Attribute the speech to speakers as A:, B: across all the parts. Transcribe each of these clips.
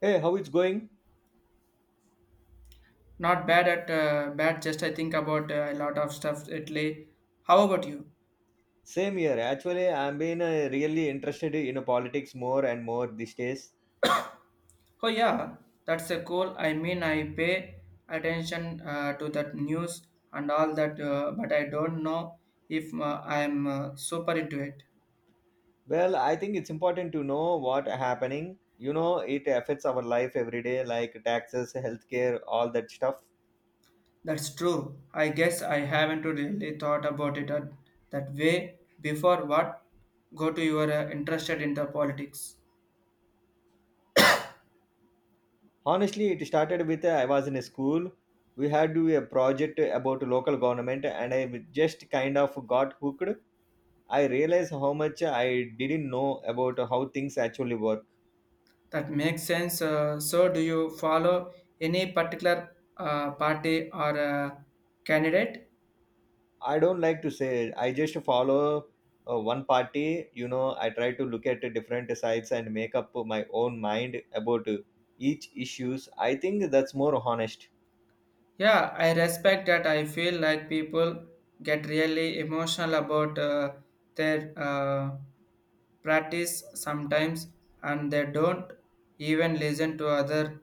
A: Hey, how it's going?
B: Not bad at bad. Just I think about a lot of stuff lately. How about you?
A: Same here. Actually, I've been really interested in politics more and more these days.
B: Oh yeah, that's a cool. I mean, I pay attention to that news and all that, but I don't know if I'm super into it.
A: Well, I think it's important to know what happening. You know, it affects our life every day, like taxes, healthcare, all that stuff.
B: That's true. I guess I haven't really thought about it at, that way before. What go to your interested in the politics?
A: Honestly, it started with I was in a school. We had to do a project about local government, and I just kind of got hooked. I realized how much I didn't know about how things actually work.
B: That makes sense. So, do you follow any particular party or candidate?
A: I don't like to say. I just follow one party. You know, I try to look at the different sides and make up my own mind about each issues. I think that's more honest.
B: Yeah, I respect that. I feel like people get really emotional about their practice sometimes and they don't even listen to other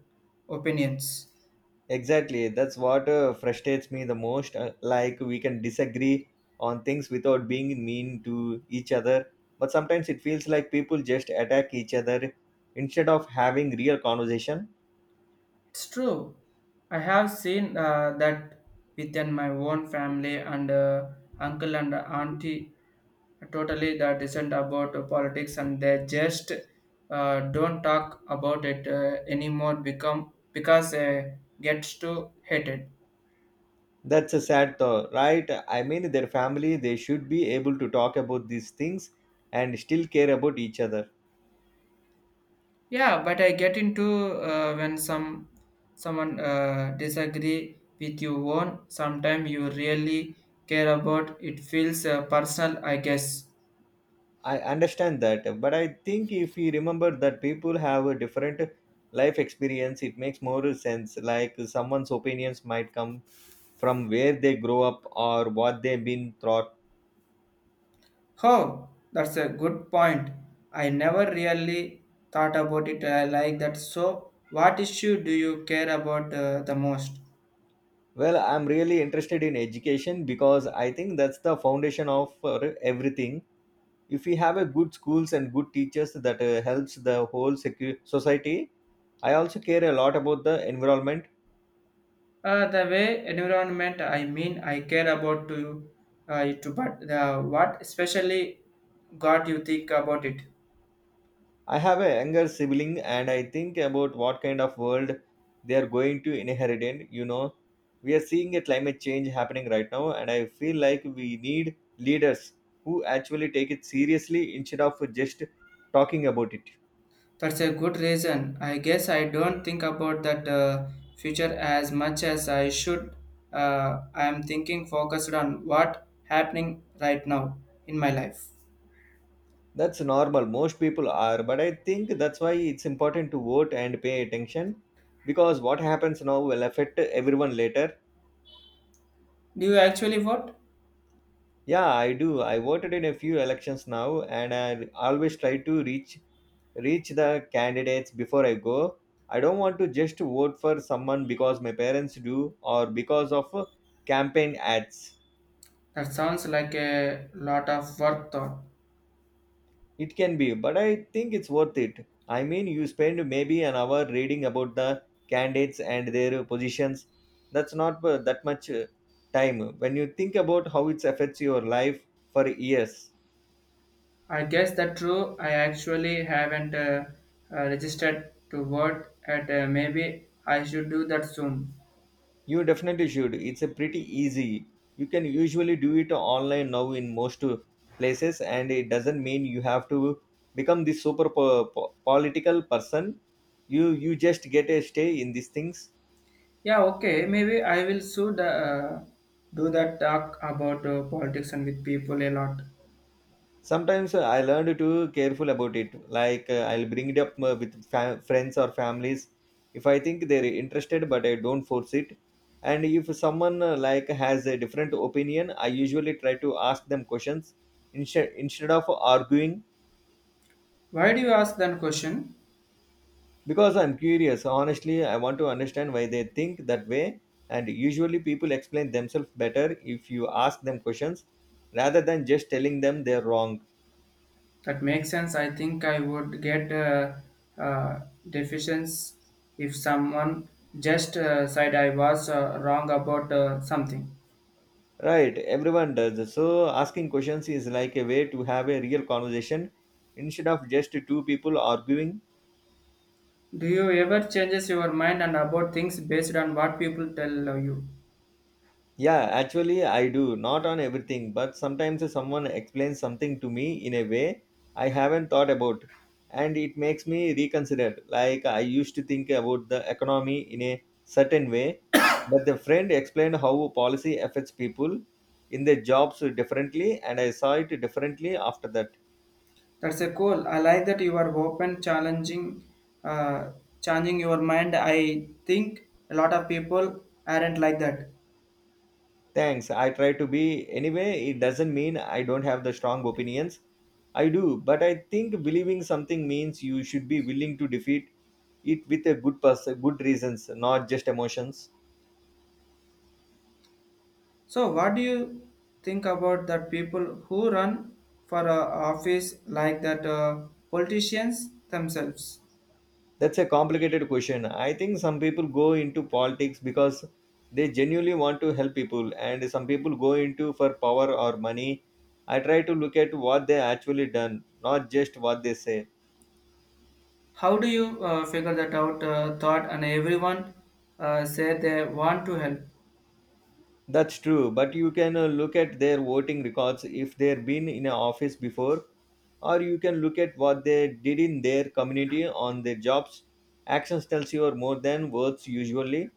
B: opinions.
A: Exactly, that's what frustrates me the most. Like we can disagree on things without being mean to each other, but sometimes it feels like people just attack each other instead of having real conversation.
B: It's true. I have seen that within my own family and uncle and auntie are totally the dissent about politics and they just don't talk about it anymore become because gets too hate
A: That's a sad thought, right? I mean, their family, they should be able to talk about these things and still care about each other.
B: yeah but I get into when someone disagree with you own sometimes you really care about it feels personal I guess.
A: I understand that, but I think if we remember that people have a different life experience, it makes more sense. Like someone's opinions might come from where they grow up or what they've been taught.
B: Oh, that's a good point. I never really thought about it like that. So, what issue do you care about the most?
A: Well, I'm really interested in education because I think that's the foundation of everything. If we have a good schools and good teachers, that helps the whole society. I also care a lot about the environment.
B: The way environment. I mean, I care about to it, but the what especially got you think about it.
A: I have a younger sibling and I think about what kind of world they are going to inherit in. You know, we are seeing a climate change happening right now, and I feel like we need leaders who actually take it seriously instead of just talking about it.
B: That's a good reason. I guess I don't think about that future as much as I should. I am thinking focused on what happening right now in my life.
A: That's normal, most people are, but I think that's why it's important to vote and pay attention because what happens now will affect everyone later.
B: Do you actually vote?
A: Yeah, I do. I voted in a few elections now, and I always try to reach the candidates before I go. I don't want to just vote for someone because my parents do or because of campaign ads.
B: That sounds like a lot of work, though.
A: It can be, but I think it's worth it. I mean, you spend maybe an hour reading about the candidates and their positions. That's not that much time when you think about how it affects your life for years.
B: I guess that's true. I actually haven't registered to vote at maybe I should do that soon.
A: You definitely should. It's a pretty easy. You can usually do it online now in most places, and it doesn't mean you have to become this super political person. You just get a stay in these things.
B: Yeah, okay, maybe I will soon do that talk about politics and with people a lot.
A: Sometimes I learned to careful about it. Like I'll bring it up with friends or families if I think they're interested, but I don't force it. And if someone like has a different opinion, I usually try to ask them questions instead of arguing.
B: Why do you ask that question?
A: Because I'm curious, honestly, I want to understand why they think that way. And usually, people explain themselves better if you ask them questions rather than just telling them they're wrong.
B: That makes sense. I think I would get uh, deficiencies if someone just said I was wrong about something.
A: Right, everyone does. So, asking questions is like a way to have a real conversation instead of just two people arguing.
B: Do you ever changes your mind and about things based on what people tell you?
A: Yeah, actually, I do. Not on everything, but sometimes someone explains something to me in a way I haven't thought about, and it makes me reconsider. Like, I used to think about the economy in a certain way, but the friend explained how policy affects people in their jobs differently, and I saw it differently after that.
B: That's a cool. I like that you are open, challenging, uh, changing your mind. I think a lot of people aren't like that.
A: Thanks. I try to be. Anyway, it doesn't mean I don't have the strong opinions. I do, but I think believing something means you should be willing to defeat it with a good person, good reasons, not just emotions.
B: So, what do you think about that people who run for office like that politicians themselves?
A: That's a complicated question. I think some people go into politics because they genuinely want to help people, and some people go into for power or money. I try to look at what they actually done, not just what they say.
B: How do you figure that out? Thought and everyone say they want to help.
A: That's true, but you can look at their voting records if they've been in a office before, or you can look at what they did in their community on their jobs. Actions tells you more than words usually.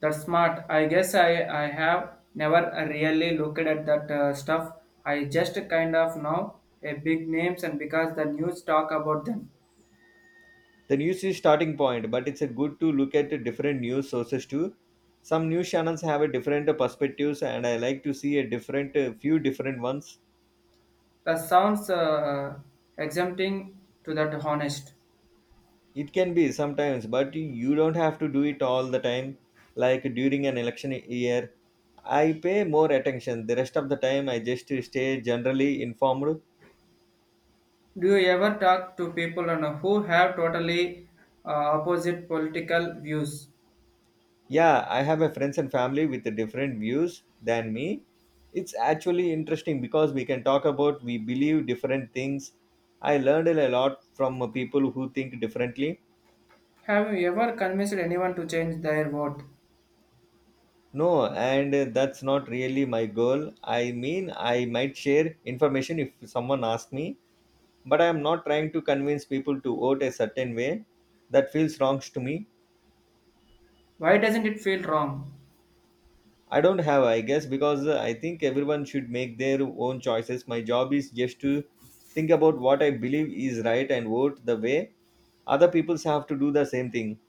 B: That's smart. I guess I have never really looked at that stuff. I just kind of know a big names and because the news talk about them.
A: The news is starting point, but it's a good to look at different news sources too. Some news channels have a different perspectives, and I like to see a different few different ones.
B: That sounds exempting to that honest.
A: It can be sometimes, but you don't have to do it all the time, like during an election year I pay more attention. The rest of the time, I just stay generally informed.
B: Do you ever talk to people and who have totally opposite political views?
A: Yeah, I have a friends and family with different views than me. It's actually interesting because we can talk about we believe different things. I learned a lot from people who think differently.
B: Have you ever convinced anyone to change their vote?
A: No, and that's not really my goal. I mean, I might share information if someone asks me, but I am not trying to convince people to vote a certain way. That feels wrong to me.
B: Why doesn't it feel wrong?
A: I don't have, I guess, because I think everyone should make their own choices. My job is just to think about what I believe is right and vote the way other people have to do the same thing.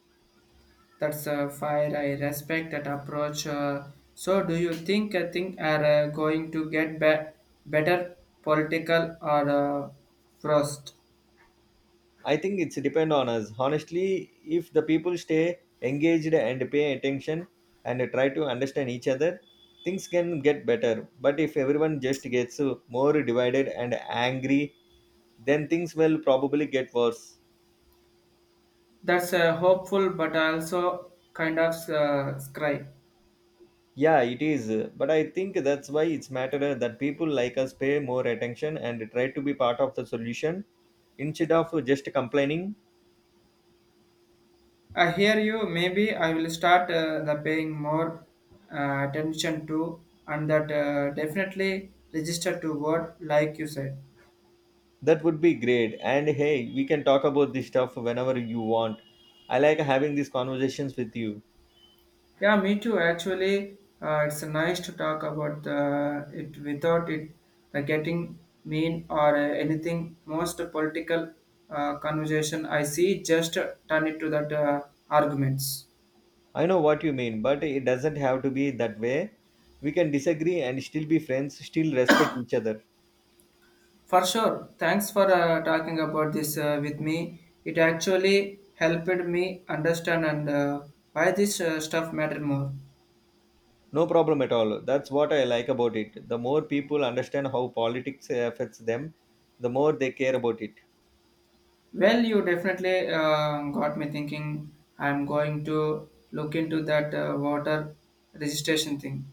B: That's fire. I respect that approach. So, do you think things are going to get better political or frost?
A: I think it's depend on us. Honestly, if the people stay engaged and pay attention and try to understand each other, things can get better. But if everyone just gets more divided and angry, then things will probably get worse.
B: That's hopeful, but also kind of scry.
A: Yeah, it is. But I think that's why it's matter that people like us pay more attention and try to be part of the solution instead of just complaining.
B: I hear you. Maybe I will start the paying more attention to, and that definitely register to vote, like you said.
A: That would be great. And hey, we can talk about this stuff whenever you want. I like having these conversations with you.
B: Yeah, me too. Actually, it's nice to talk about the, it without it the getting mean or anything. Most political conversation I see just turn it to that arguments.
A: I know what you mean, but it doesn't have to be that way. We can disagree and still be friends, still respect each other.
B: For sure. Thanks for talking about this with me. It actually helped me understand and why this stuff matter more.
A: No problem at all. That's what I like about it. The more people understand how politics affects them, the more they care about it.
B: Well, you definitely got me thinking. I'm going to look into that voter registration thing.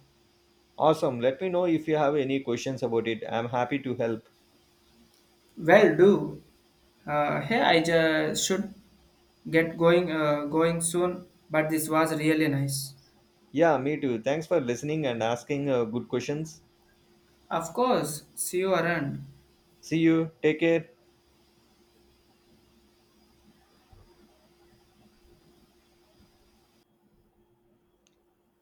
A: Awesome. Let me know if you have any questions about it. I'm happy to help.
B: Well, do. Hey, I just should get going going soon. But this was really nice.
A: Yeah, me too. Thanks for listening and asking good questions.
B: Of course, see you around.
A: See you. Take care.